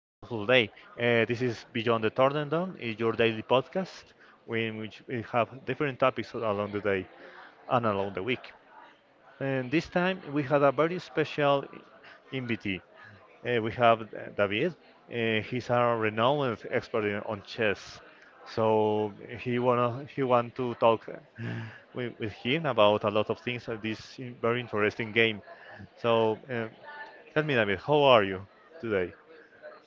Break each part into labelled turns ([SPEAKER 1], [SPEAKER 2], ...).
[SPEAKER 1] wonderful day. This is Beyond the Tornado, is your daily podcast in which we have different topics along the day and along the week. And this time we had a very special invitee. We have David. He's a renowned expert on chess. So he want to talk with him about a lot of things of this very interesting game. So tell me, David, how are you today?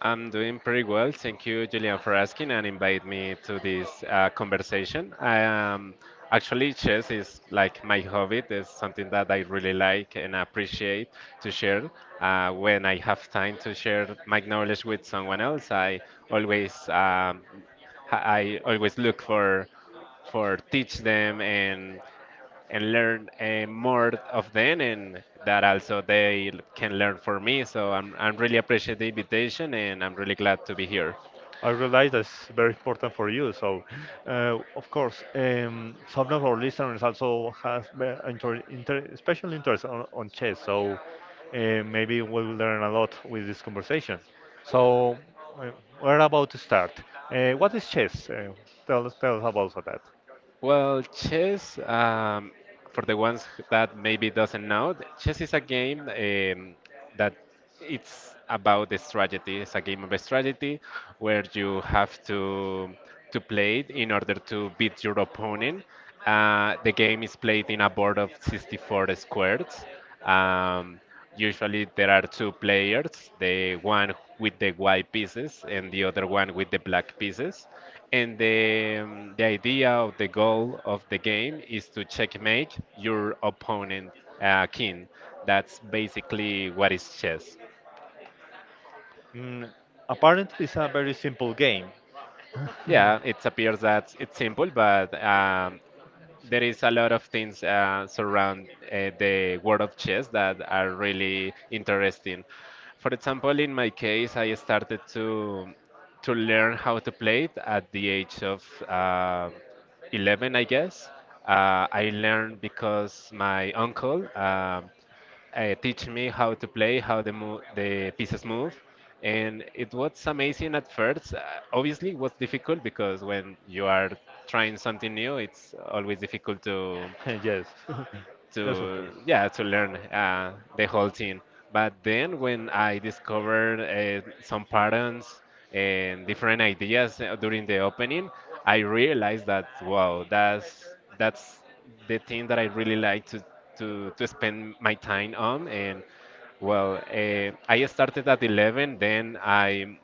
[SPEAKER 2] I'm doing pretty well. Thank you, Julian, for asking and invite me to this conversation. I am Actually, chess is like my hobby. It's something that I really like and appreciate to share. When I have time to share my knowledge with someone else, always um, I always look for teach them and learn more of them and that also they can learn from me. So I'm really appreciate the invitation and I'm really glad to be here.
[SPEAKER 1] I realize that's very important for you. So, of course, some of our listeners also has be- inter inter special interest on chess. So, uh, maybe we will learn a lot with this conversation. So, uh, we're about to start. What is chess? Tell us about that.
[SPEAKER 2] Well, chess, for the ones that maybe doesn't know, chess is a game that it's about the strategy. It's a game of strategy where you have to play it in order to beat your opponent. The game is played in a board of 64 squares. Um, Usually there are two players, the one with the white pieces and the other one with the black pieces. And the idea of the goal of the game is to checkmate your opponent king. That's basically what is chess.
[SPEAKER 1] Mm, apparently, it's a very simple game.
[SPEAKER 2] Yeah, it appears that it's simple, but there is a lot of things surround the world of chess that are really interesting. For example, in my case, I started to learn how to play it at the age of uh, 11, I guess. I learned because my uncle teach me how to play, how the pieces move, and it was amazing at first. Obviously, it was difficult because when you are trying something new, it's always difficult to
[SPEAKER 1] Yes, yes, of
[SPEAKER 2] to
[SPEAKER 1] course.
[SPEAKER 2] yeah to learn the whole thing. But then when I discovered some patterns and different ideas during the opening, I realized that wow, that's the thing that I really like to spend my time on and. Well, I started at 11, then I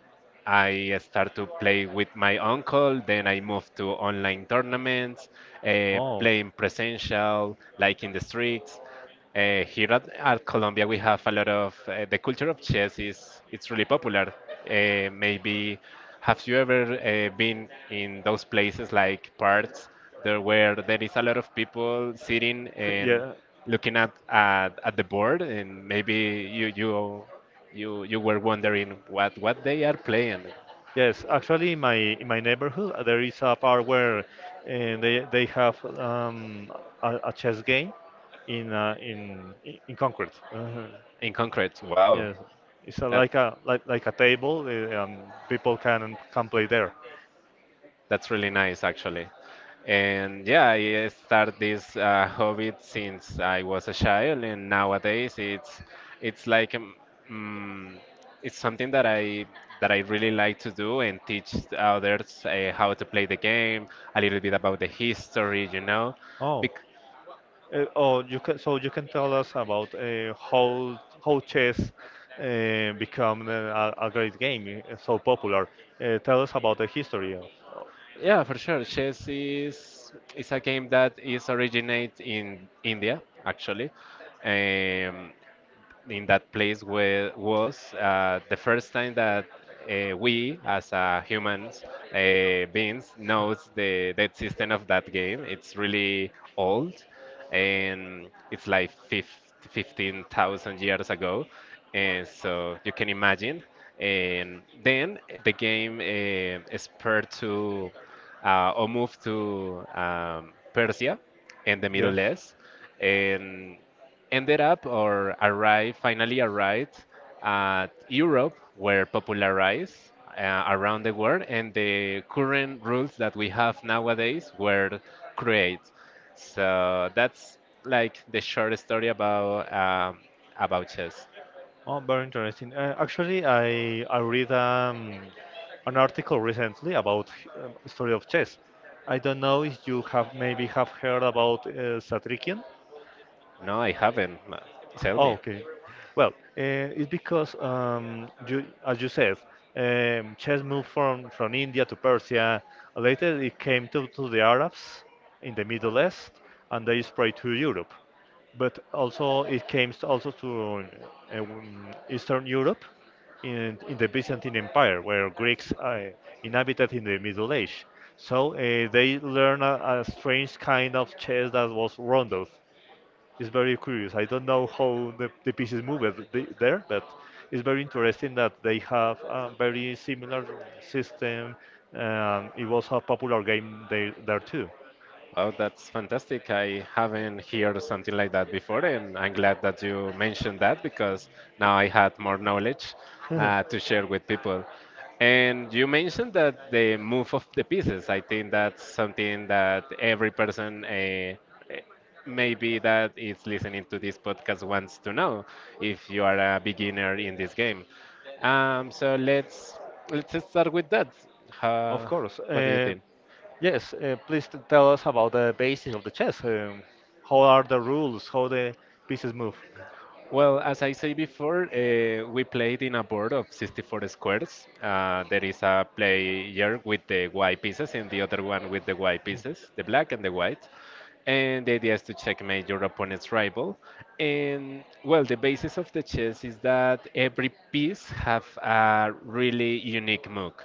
[SPEAKER 2] I start to play with my uncle. Then I moved to online tournaments,
[SPEAKER 1] Oh.
[SPEAKER 2] playing presential, like in the streets. Here at Colombia, we have a lot of the culture of chess is it's really popular. Maybe have you ever been in those places like parks there where there is a lot of people sitting and
[SPEAKER 1] Yeah.
[SPEAKER 2] looking at the board and maybe you were wondering what they are playing
[SPEAKER 1] Yes, actually, in my neighborhood, there is a bar where they have a chess game in in concrete. Uh-huh.
[SPEAKER 2] in concrete. Wow,
[SPEAKER 1] Yes, it's a,
[SPEAKER 2] that
[SPEAKER 1] like like a table, and people can play there.
[SPEAKER 2] that's really nice actually. And yeah, I started this hobby since I was a child, and nowadays it's like mm, it's something that I really like to do and teach others how to play the game, a little bit about the history.
[SPEAKER 1] Oh, oh, you can, so you can tell us about how chess become a great game, so popular. Tell us about the history of.
[SPEAKER 2] Yeah, for sure. Chess is a game that is originate in India, actually. Um, in that place where was the first time that we as humans beings knows the existence of that game it's really old and it's like 15,000 years ago and so you can imagine and then the game is paired to or moved to Persia and the Middle
[SPEAKER 1] Yes.
[SPEAKER 2] East, and ended up or arrived, finally arrived at Europe, were popularized around the world, and the current rules that we have nowadays were created. So that's like the short story about chess.
[SPEAKER 1] Oh, very interesting. Actually, I read an article recently about story of chess. I don't know if you have heard about Satrikian.
[SPEAKER 2] No, I haven't. Tell
[SPEAKER 1] Oh,
[SPEAKER 2] me.
[SPEAKER 1] okay. Well, it's because as you said, chess moved from India to Persia. Later, it came to the Arabs in the Middle East, and they spread to Europe. But also, it came s- also to Eastern Europe in the Byzantine Empire, where Greeks inhabited in the Middle Age. So they learned a strange kind of chess that was rondo. It's very curious. I don't know how the pieces move there, but it's very interesting that they have a very similar system. It was a popular game there, there too.
[SPEAKER 2] Wow, that's fantastic. I haven't heard something like that before, and I'm glad that you mentioned that because now I had more knowledge to share with people. And you mentioned that the move of the pieces, I think that's something that every person maybe that is listening to this podcast wants to know if you are a beginner in this game. So let's start with that.
[SPEAKER 1] Of
[SPEAKER 2] Uh,
[SPEAKER 1] course.
[SPEAKER 2] what do you think?
[SPEAKER 1] Yes, please tell us about the basics of the chess. How are the rules? How the pieces move?
[SPEAKER 2] Well, as I say before, we played in a board of 64 squares. There is a player with the white pieces and the other one with the white pieces, the black and the white. And the idea is to checkmate your opponent's rival. And well, the basis of the chess is that every piece have a really unique move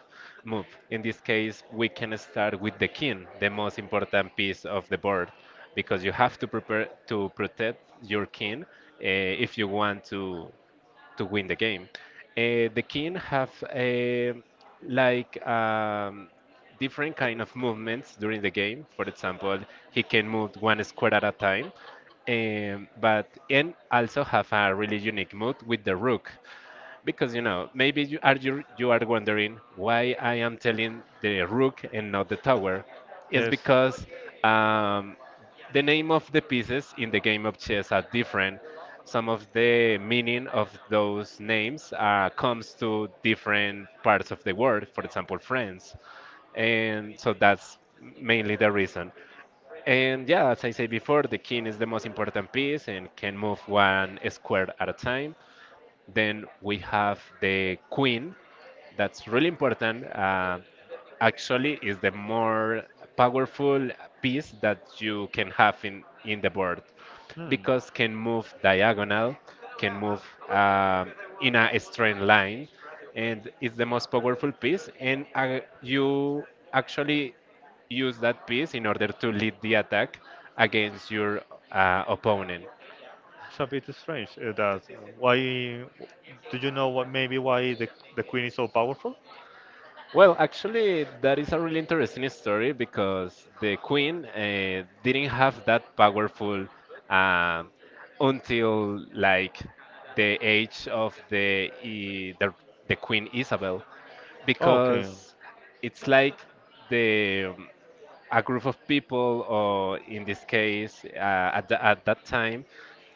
[SPEAKER 2] move. In this case, we can start with the king, the most important piece of the board, because you have to prepare to protect your king if you want to win the game. The king have a like different kind of movements during the game. For example, he can move one square at a time, but and also have a really unique move with the rook. Because maybe you are wondering why I am telling the rook and not the tower. It's
[SPEAKER 1] Yes.
[SPEAKER 2] because um, the name of the pieces in the game of chess are different. Some of the meaning of those names comes to different parts of the world. For example, France, and so that's mainly the reason. And yeah, as I said before, the king is the most important piece and can move one square at a time. Then we have the queen. That's really important. Actually, is the more powerful piece that you can have in the board
[SPEAKER 1] Hmm.
[SPEAKER 2] because can move diagonal, can move um, in a straight line, and it's the most powerful piece. And you actually use that piece in order to lead the attack against your opponent.
[SPEAKER 1] It's a bit strange that why do you know what, maybe why the queen is so powerful?
[SPEAKER 2] Well, actually, that is a really interesting story because the queen didn't have that powerful um, until like the age of the, I- the Queen Isabel,
[SPEAKER 1] Oh, okay.
[SPEAKER 2] because it's like the a group of people, or in this case, at that time,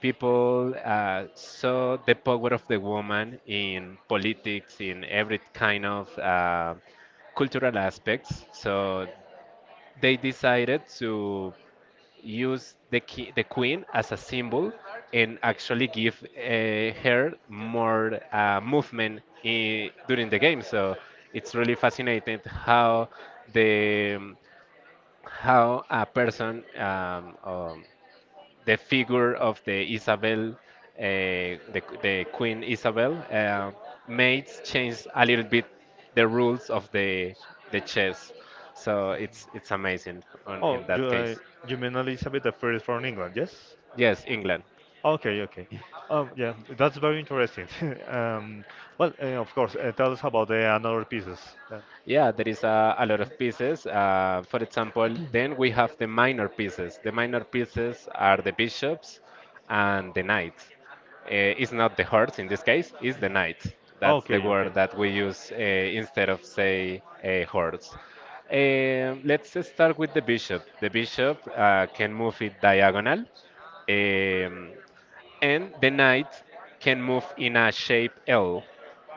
[SPEAKER 2] people saw the power of the woman in politics, in every kind of cultural aspects. So they decided to use the queen as a symbol and actually give her more movement during the game. So it's really fascinating the how a person, the figure of the Isabel, the Queen Isabel, made change a little bit the rules of the chess. So it's amazing on,
[SPEAKER 1] Oh,
[SPEAKER 2] in that case.
[SPEAKER 1] you mean Elizabeth the First from England, yes?
[SPEAKER 2] Yes, England.
[SPEAKER 1] Okay, okay. Yeah, that's very interesting. um, well, of course, tell us about the another pieces. Yeah.
[SPEAKER 2] Yeah, there is a lot of pieces. For example, then we have the minor pieces. The minor pieces are the bishops and the knights. It's not the horse in this case, it's the knight. That's the
[SPEAKER 1] Okay,
[SPEAKER 2] word
[SPEAKER 1] okay.
[SPEAKER 2] that we use instead of, say, a horse. Let's start with the bishop. The bishop can move it diagonal. Um, and the knight can move in a shape L.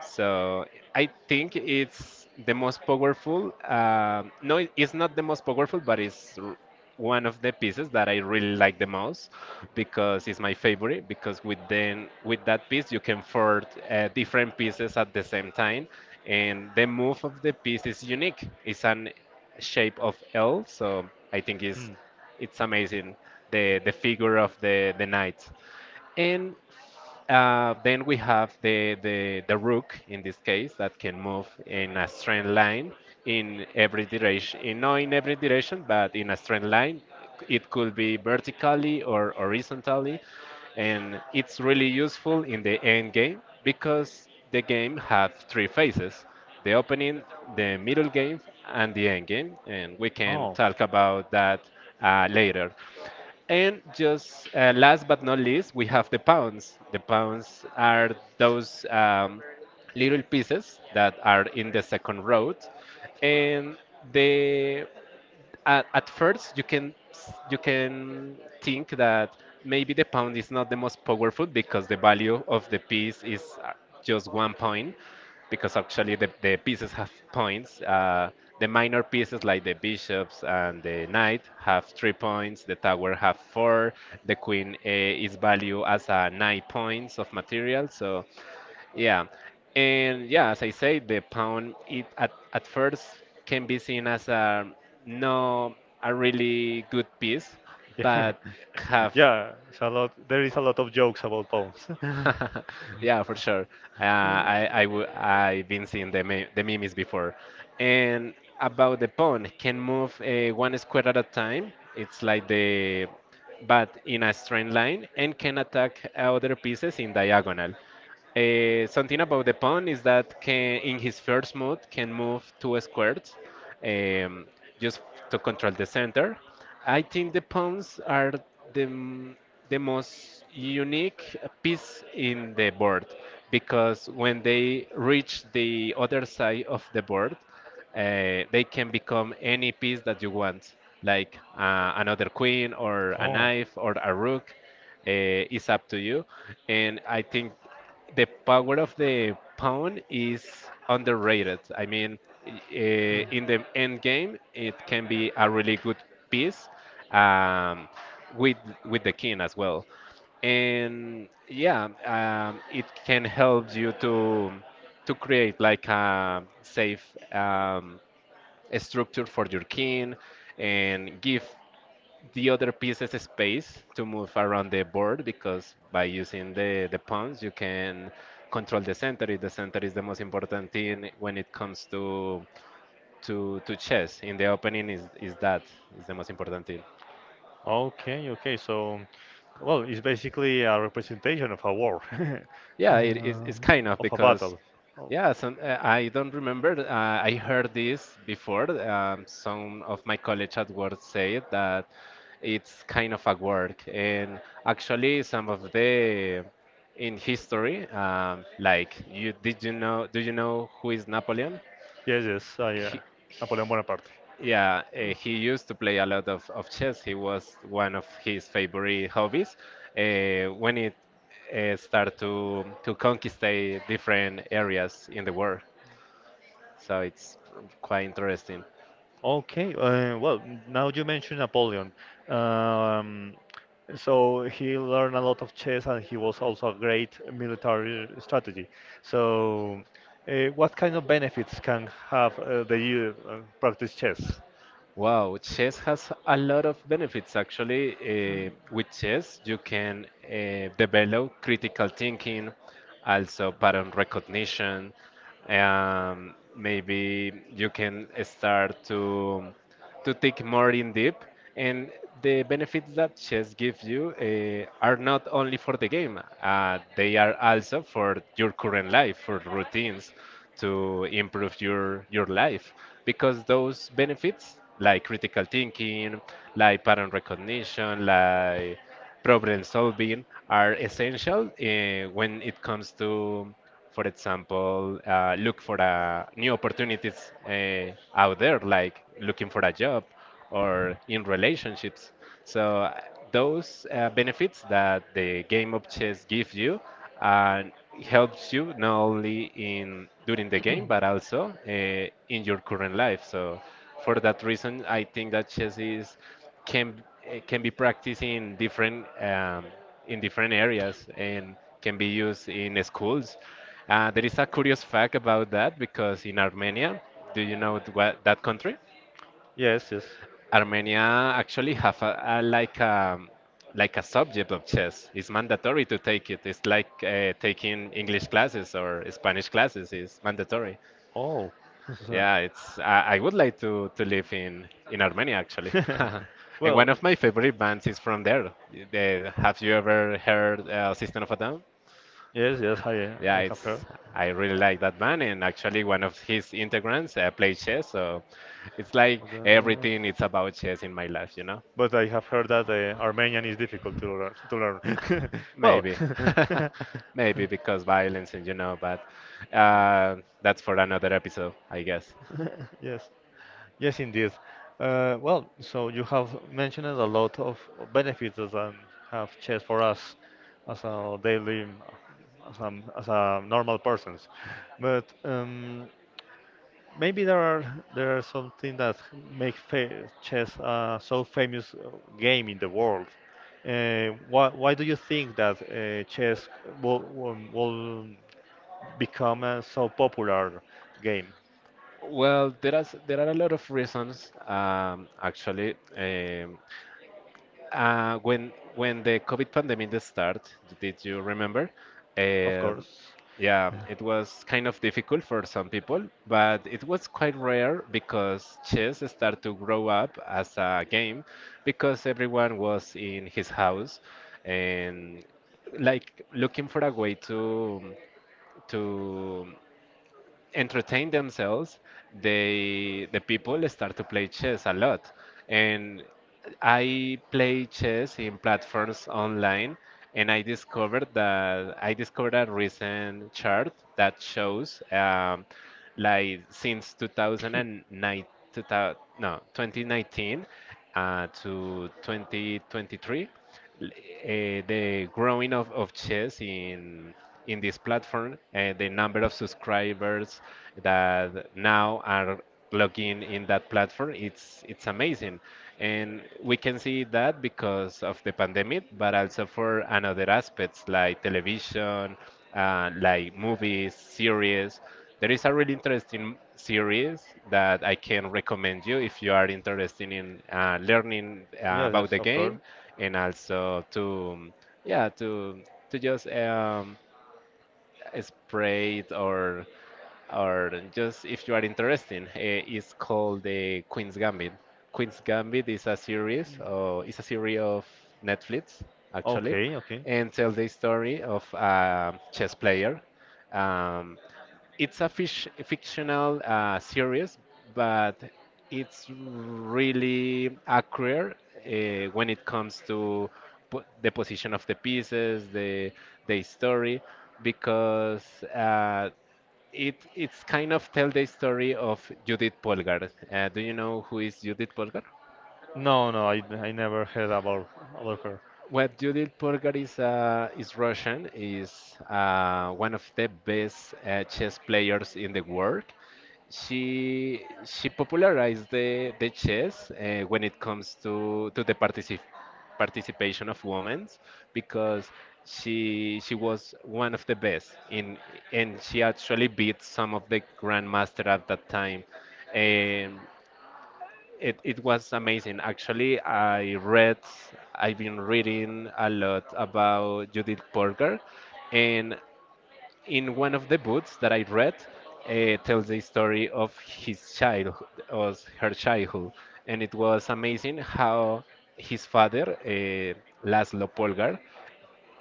[SPEAKER 2] So I think it's the most powerful. No, it's not the most powerful, but one of the pieces that I really like the most because it's my favorite. Because with that piece, you can forge different pieces at the same time, and the move of the piece is
[SPEAKER 1] the
[SPEAKER 2] unique. It's an shape of L, so I think
[SPEAKER 1] it
[SPEAKER 2] it's amazing the figure of the knight. And then we have the rook in this case that can move in a straight line in every direction, not in every direction, but in a straight line. It could be vertically or horizontally, and it's really useful in the end game because the game have three phases: the opening, the middle game, and the end game, and we can talk about that later. And just last but not least, we have the pounds. The pounds are those little pieces that are in the second row, and the at first you can think that maybe the pound is not the most powerful because the value of the piece is just 1 point because actually the pieces have points the minor pieces like the bishops and the knight have 3 points, the tower have 4, the queen is valued as a 9 points of material. So yeah, and yeah, as I say, the pound at first can be seen as a, no, a really good piece,
[SPEAKER 1] Yeah.
[SPEAKER 2] but have
[SPEAKER 1] Yeah, it's a lot. There is a lot of jokes about pawns. and
[SPEAKER 2] yeah for sure.
[SPEAKER 1] uh,
[SPEAKER 2] I've been seeing the memes before, and about the pawn can move one square at a time. It's like the, but in a straight line and can attack other pieces in diagonal. Something about the pawn is that can, in his first move can move 2 squares um, just to control the center. I think the pawns are the, m- the most unique piece in the board because when they reach the other side of the board, they can become any piece that you want, like another queen or a knife or a rook. It's up to you, and I think the power of the pawn is underrated. I mean,
[SPEAKER 1] Hmm.
[SPEAKER 2] in the end game, it can be a really good piece um, with with the king as well, and yeah, it can help you to create like a safe structure for your king and give the other pieces space to move around the board because by using the pawns you can control the center. The center is the most important thing when it comes to chess. In the opening is the most important thing.
[SPEAKER 1] Okay, okay. So, well, it's basically a representation of a war,
[SPEAKER 2] Yeah, it is.
[SPEAKER 1] Uh,
[SPEAKER 2] It's kind of
[SPEAKER 1] of a
[SPEAKER 2] because,
[SPEAKER 1] battle. Oh,
[SPEAKER 2] yeah, I don't remember. I heard this before. Some of my colleagues at work said that it's kind of a work, and actually, some of the in history, like you did you know? Do you know who is Napoleon?
[SPEAKER 1] yes, yes.
[SPEAKER 2] He,
[SPEAKER 1] Napoleon Bonaparte.
[SPEAKER 2] yeah, he used to play a lot of chess. He was one of his favorite hobbies. When it started to conquist different areas in the world, so it's quite interesting.
[SPEAKER 1] Okay, well, now you mentioned Napoleon. Um, so he learned a lot of chess and he was also a great military strategy. So, what kind of benefits can have the you practice chess?
[SPEAKER 2] Wow, chess has a lot of benefits actually. With chess, you can develop critical thinking, also pattern recognition. Maybe you can start to think more in deep. And the benefits that chess gives you are not only for the game; they are also for your current life, for routines to improve your life because those benefits like critical thinking, like pattern recognition, like problem solving are essential when it comes to, for example, look for new opportunities out there, like looking for a job or in relationships. So those benefits that the game of chess gives you uh, helps you not only in during the game but also in your current life. So for that reason, I think that chess is can can be practiced in different areas and can be used in schools. There is a curious fact about that because in Armenia, do you know what that country?
[SPEAKER 1] Yes, yes.
[SPEAKER 2] Armenia actually have a like a like a subject of chess. It's mandatory to take it. It's like taking English classes or Spanish classes. It's mandatory.
[SPEAKER 1] Oh, so-
[SPEAKER 2] Yeah, it's. I would like to live in Armenia actually. And
[SPEAKER 1] well,
[SPEAKER 2] one of my favorite bands is from there. Have you ever heard System of a Down?
[SPEAKER 1] yes, yes,
[SPEAKER 2] Yeah,
[SPEAKER 1] I have heard.
[SPEAKER 2] it's. I really like that band, and actually one of his integrants plays chess, so it's like
[SPEAKER 1] The-
[SPEAKER 2] everything It's about chess in my life.
[SPEAKER 1] But I have heard that Armenian is difficult to learn. To learn. well,
[SPEAKER 2] Maybe, maybe because violence and you know, but uh, that's for another episode, I guess.
[SPEAKER 1] yes, yes, indeed. Well, so you have mentioned a lot of benefits that have chess for us as as as a normal persons. But maybe there are something that make fa chess so famous game in the world. Why do you think that chess will become a so popular game?
[SPEAKER 2] Well, there are a lot of reasons, actually. When the COVID pandemic started, did you remember?
[SPEAKER 1] Of
[SPEAKER 2] Um,
[SPEAKER 1] course.
[SPEAKER 2] yeah, it was kind of difficult for some people, but it was quite rare because chess started to grow up as a game because everyone was in his house and like looking for a way to entertain themselves, the people start to play chess a lot. And I play chess in platforms online, and I discovered a recent chart that shows like since 2009 2000, no 2019 to 2023, l- the growing of chess in this platform and the number of subscribers that now are logging in that platform it's amazing and we can see that because of the pandemic but also for another aspects like television, like movies series. There is a really interesting series that I can recommend you if you are interested in learning
[SPEAKER 1] Yes,
[SPEAKER 2] about
[SPEAKER 1] yes,
[SPEAKER 2] the
[SPEAKER 1] of course.
[SPEAKER 2] game and also to yeah to just spray it or just if you are interested, it's called the Queen's Gambit. Queen's Gambit is a series, or it's a series of Netflix actually,
[SPEAKER 1] Okay, okay.
[SPEAKER 2] and tells the story of a chess player. Um, it's a fictional series, but it's really accurate when it comes to the position of the pieces, the story, because it it's kind of tell the story of Judith Polgar. Do you know who is Judith Polgar?
[SPEAKER 1] No, no, I never heard about her.
[SPEAKER 2] What Judith Polgar is Russian, is one of the best chess players in the world. She popularized the chess when it comes to the participation of women because she was one of the best in and she actually beat some of the grandmaster at that time. Um, it, it was amazing. Actually, I've been reading a lot about Judith Polgar, and in one of the books that I read, tells the story of his childhood, of her childhood, and it was amazing how his father, Laszlo Polgar,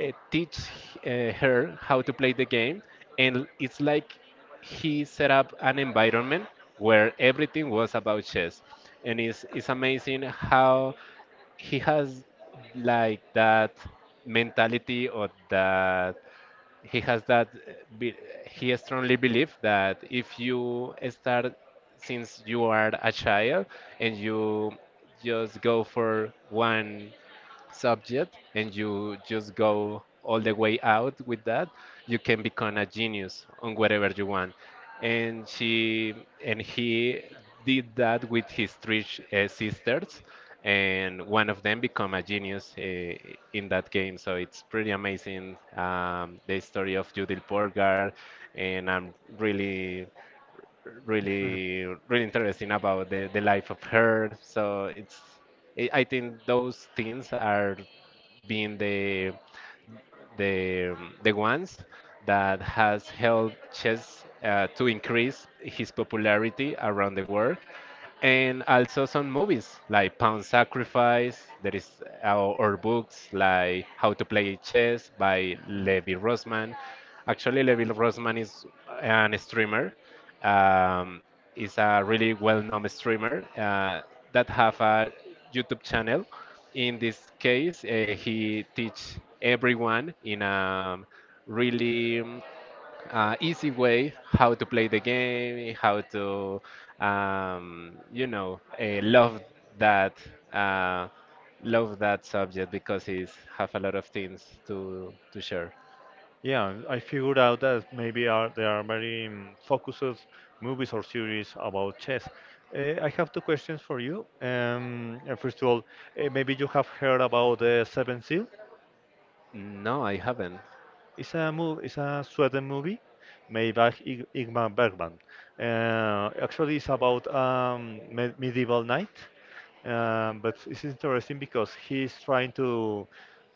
[SPEAKER 2] teach her how to play the game and it's like he set up an environment where everything was about chess and it's amazing how he has like that mentality or that he has that be, he strongly believes that if you start since you are a child and you just go for one subject and you just go all the way out with that, you can become a genius on whatever you want. And he did that with his three sisters, and one of them become a genius in that game. So it's pretty amazing the story of Judith Polgar, and I'm really really really interesting about the life of her so it's I think those things are being the the ones that has helped chess to increase his popularity around the world and also some movies like Pound Sacrifice. There is our, or books like How to Play Chess by Levi Rosman. Actually, Levi Rosman is an
[SPEAKER 1] Mm.
[SPEAKER 2] streamer, um, is a really well-known streamer that have a YouTube channel. In this case, he teach everyone in a really easy way how to play the game, how to you know that uh, love that subject because it's have a lot of things to share.
[SPEAKER 1] Yeah, I figured out that maybe are there are very focused movies or series about chess. I have two questions for you. First of all, maybe you have heard about the Seven Seal.
[SPEAKER 2] No, I haven't.
[SPEAKER 1] It's a move. It's a Sweden movie made by Ig Ingmar Bergman. Actually, it's about me medieval knight, but it's interesting because he's trying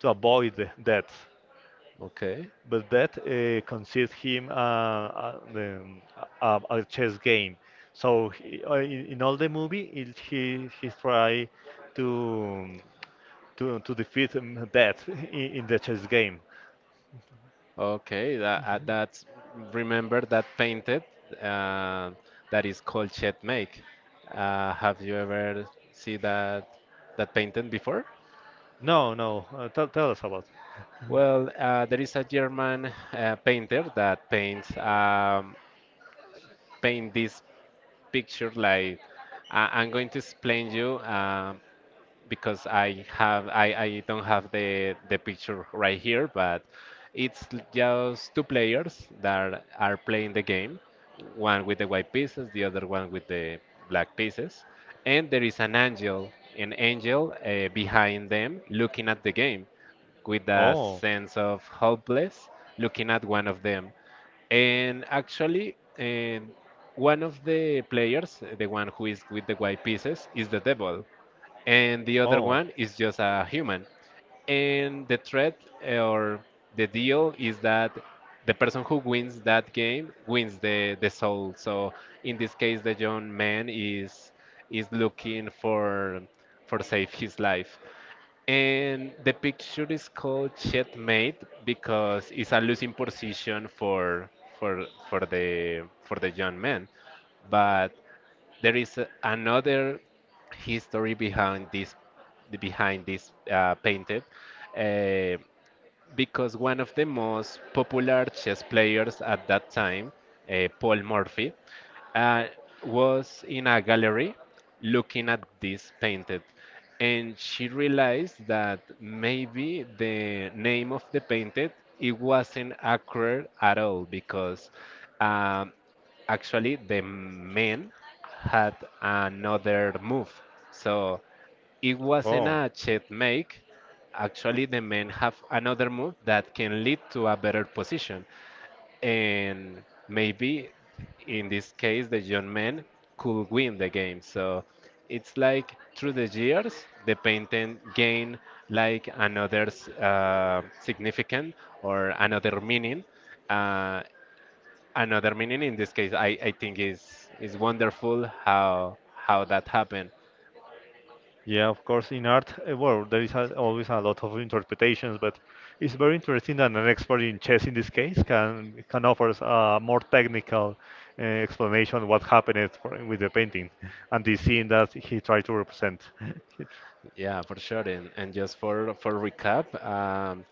[SPEAKER 1] to avoid the death.
[SPEAKER 2] Okay.
[SPEAKER 1] But that consists him a chess game. So he, in all the movie, he try to to defeat that in the chess game.
[SPEAKER 2] Okay, that's remember that painted uh, that is called checkmate. Have you ever see that that painted before?
[SPEAKER 1] No, no. Tell tell us about.
[SPEAKER 2] Well, there is a German painter that paint this picture like I'm going to explain you. Because I don't have the picture right here, but it's just two players that are playing the game, one with the white pieces, the other one with the black pieces, and there is an angel behind them looking at the game with a
[SPEAKER 1] Oh,
[SPEAKER 2] sense of hopeless, looking at one of them. And actually, one of the players, the one who is with the white pieces, is the devil and the other
[SPEAKER 1] oh,
[SPEAKER 2] one is just a human. And the threat or the deal is that the person who wins that game wins the soul. So in this case, the young man is looking for save his life. And the picture is called checkmate because it's a losing position for the for the young man. But there is another history behind this painted. Uh, because one of the most popular chess players at that time, Paul Morphy, uh, was in a gallery looking at this painted. And she realized that maybe the name of the painted it wasn't accurate at all because um, actually the man had another move. So it wasn't
[SPEAKER 1] oh,
[SPEAKER 2] a checkmate. Actually, the men have another move that can lead to a better position. And maybe in this case, the young men could win the game. So it's like through the years, the painting gain like another significant or another meaning. Uh, Another meaning in this case, I think is wonderful how that happened.
[SPEAKER 1] yeah, of course, in art, well, there is a, always a lot of interpretations, but it's very interesting that an expert in chess, in this case, can offer us a more technical explanation of what happened for, with the painting and the scene that he tried to represent.
[SPEAKER 2] Yeah, for sure. And just for recap,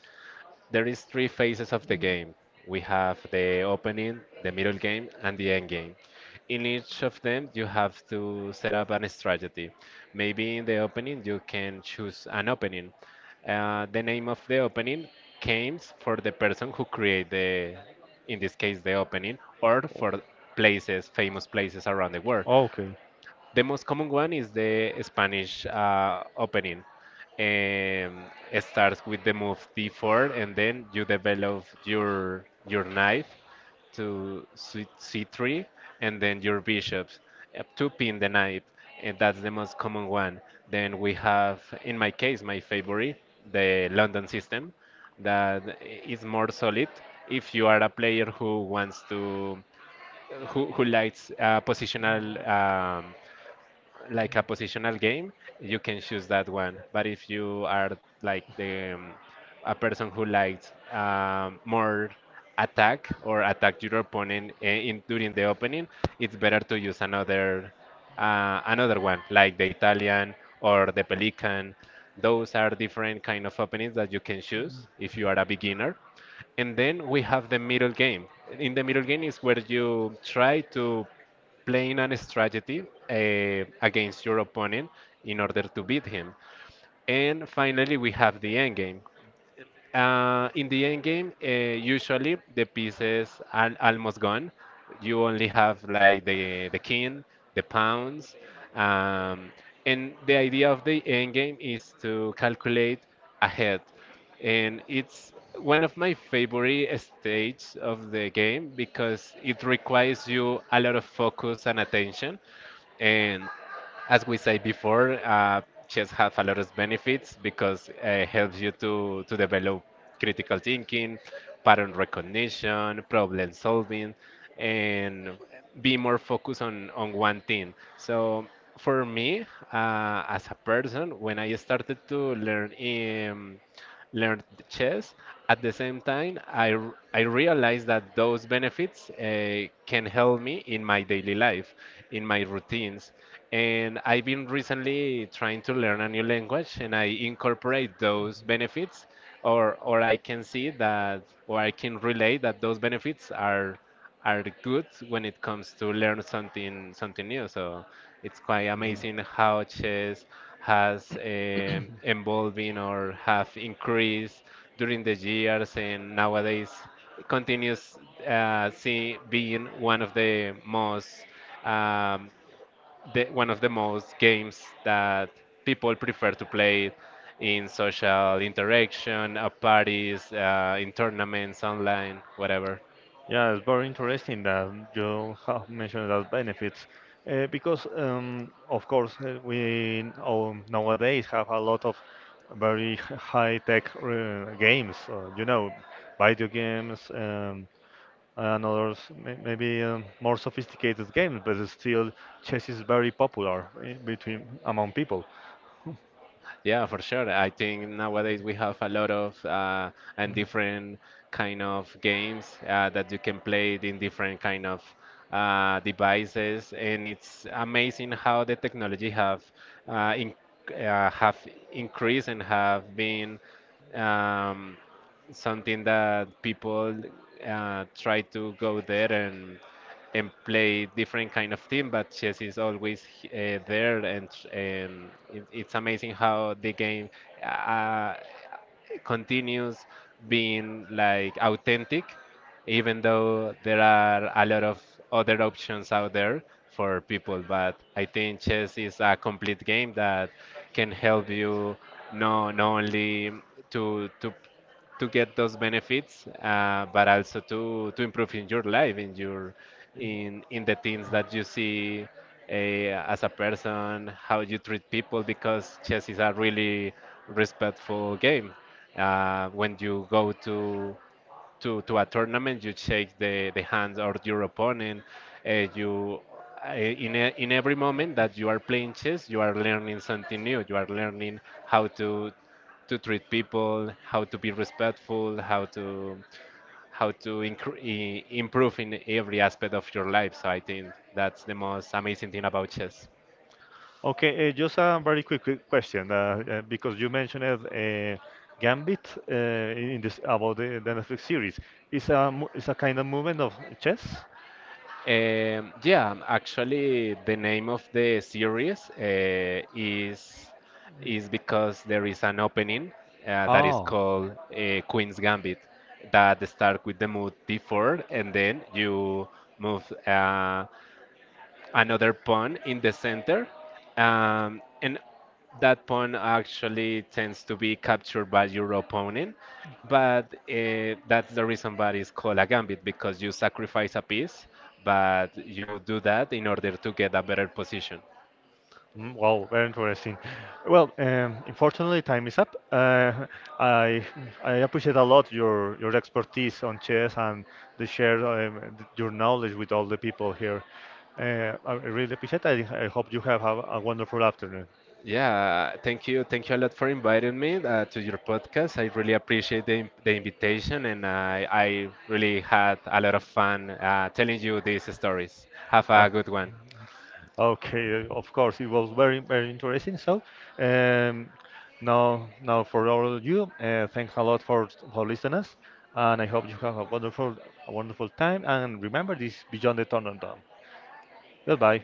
[SPEAKER 2] there is three phases of the game. We have the opening, the middle game, and the end game. In each of them, you have to set up an strategy. Maybe in the opening, you can choose an opening. The name of the opening comes for the person who create the, in this case, the opening, or for places, famous places around the world.
[SPEAKER 1] Okay.
[SPEAKER 2] The most common one is the Spanish opening. Um, it starts with the move d4, and then you develop your knife to c3, and then your bishops to pin the knight, and that's the most common one. Then we have, in my case, my favorite, the London system, that is more solid if you are a player who wants to who likes positional um, like a positional game, you can choose that one. But if you are like the a person who likes more attack or attack your opponent in during the opening, it's better to use another another one like the Italian or the Pelican. Those are different kind of openings that you can choose if you are a beginner. And then we have the middle game. In the middle game is where you try to playing a strategy against your opponent in order to beat him. And finally, we have the endgame. In the end game, usually the pieces are almost gone. You only have like the king, the pawns, um, and the idea of the end game is to calculate ahead, and it's one of my favorite stages of the game because it requires you a lot of focus and attention, and as we said before, chess has a lot of benefits because it helps you to develop critical thinking, pattern recognition, problem solving, and be more focused on one thing. So for me, as a person, when I started to learn learned chess. At the same time, I realized that those benefits can help me in my daily life, in my routines. And I've been recently trying to learn a new language and I incorporate those benefits, or I can see that, or I can relate that those benefits are good when it comes to learn something new. So it's quite
[SPEAKER 1] Mhm.
[SPEAKER 2] amazing how chess has evolving or have increased during the years, and nowadays it continues being one of the most um, one of the most games that people prefer to play in social interaction, at parties, in tournaments, online, whatever.
[SPEAKER 1] Yeah, it's very interesting that you have mentioned those benefits because, of course, we all nowadays have a lot of very high-tech games, you know, video games and others, maybe more sophisticated games, but it's still chess is very popular in between among people.
[SPEAKER 2] Yeah, for sure. I think nowadays we have a lot of and different kind of games that you can play it in different kind of devices, and it's amazing how the technology have uh, in, have increased and have been um, something that people try to go there and play different kind of team, but chess is always there, and it's amazing how the game uh, continues being like authentic, even though there are a lot of other options out there for people. But I think chess is a complete game that can help you no not only to to to get those benefits, but also to improve in your life, in your
[SPEAKER 1] Mm. Mm.
[SPEAKER 2] in the things that you see as a person, how you treat people, because chess is a really respectful game. When you go to to a tournament, you shake the hands of your opponent. You In in every moment that you are playing chess, you are learning something new. You are learning how to treat people, how to be respectful, how to improve in every aspect of your life. So I think that's the most amazing thing about chess.
[SPEAKER 1] Okay, just a very quick question, because you mentioned Gambit in this about the Netflix series. It's a it's a kind of movement of chess.
[SPEAKER 2] Yeah, actually, the name of the series is because there is an opening that is
[SPEAKER 1] Oh,
[SPEAKER 2] called Queen's Gambit that start with the mood D4, and then you move. Another pawn in the center. And that pawn actually tends to be captured by your opponent. But that's the reason why it's called a gambit because you sacrifice a piece, but you do that in order to get a better position.
[SPEAKER 1] mm, wow, very interesting. Well, unfortunately, time is up. I I appreciate a lot your expertise on chess and the share your knowledge with all the people here. I really appreciate it. I hope you have a wonderful afternoon.
[SPEAKER 2] Yeah, thank you. Thank you a lot for inviting me to your podcast. I really appreciate the invitation and I really had a lot of fun telling you these stories. Have
[SPEAKER 1] Uh,
[SPEAKER 2] a good one.
[SPEAKER 1] okay, of course, it was very interesting. So, um, now for all of you, thanks a lot for listening us, and I hope you have a wonderful time. And remember this is beyond the tournament. Goodbye.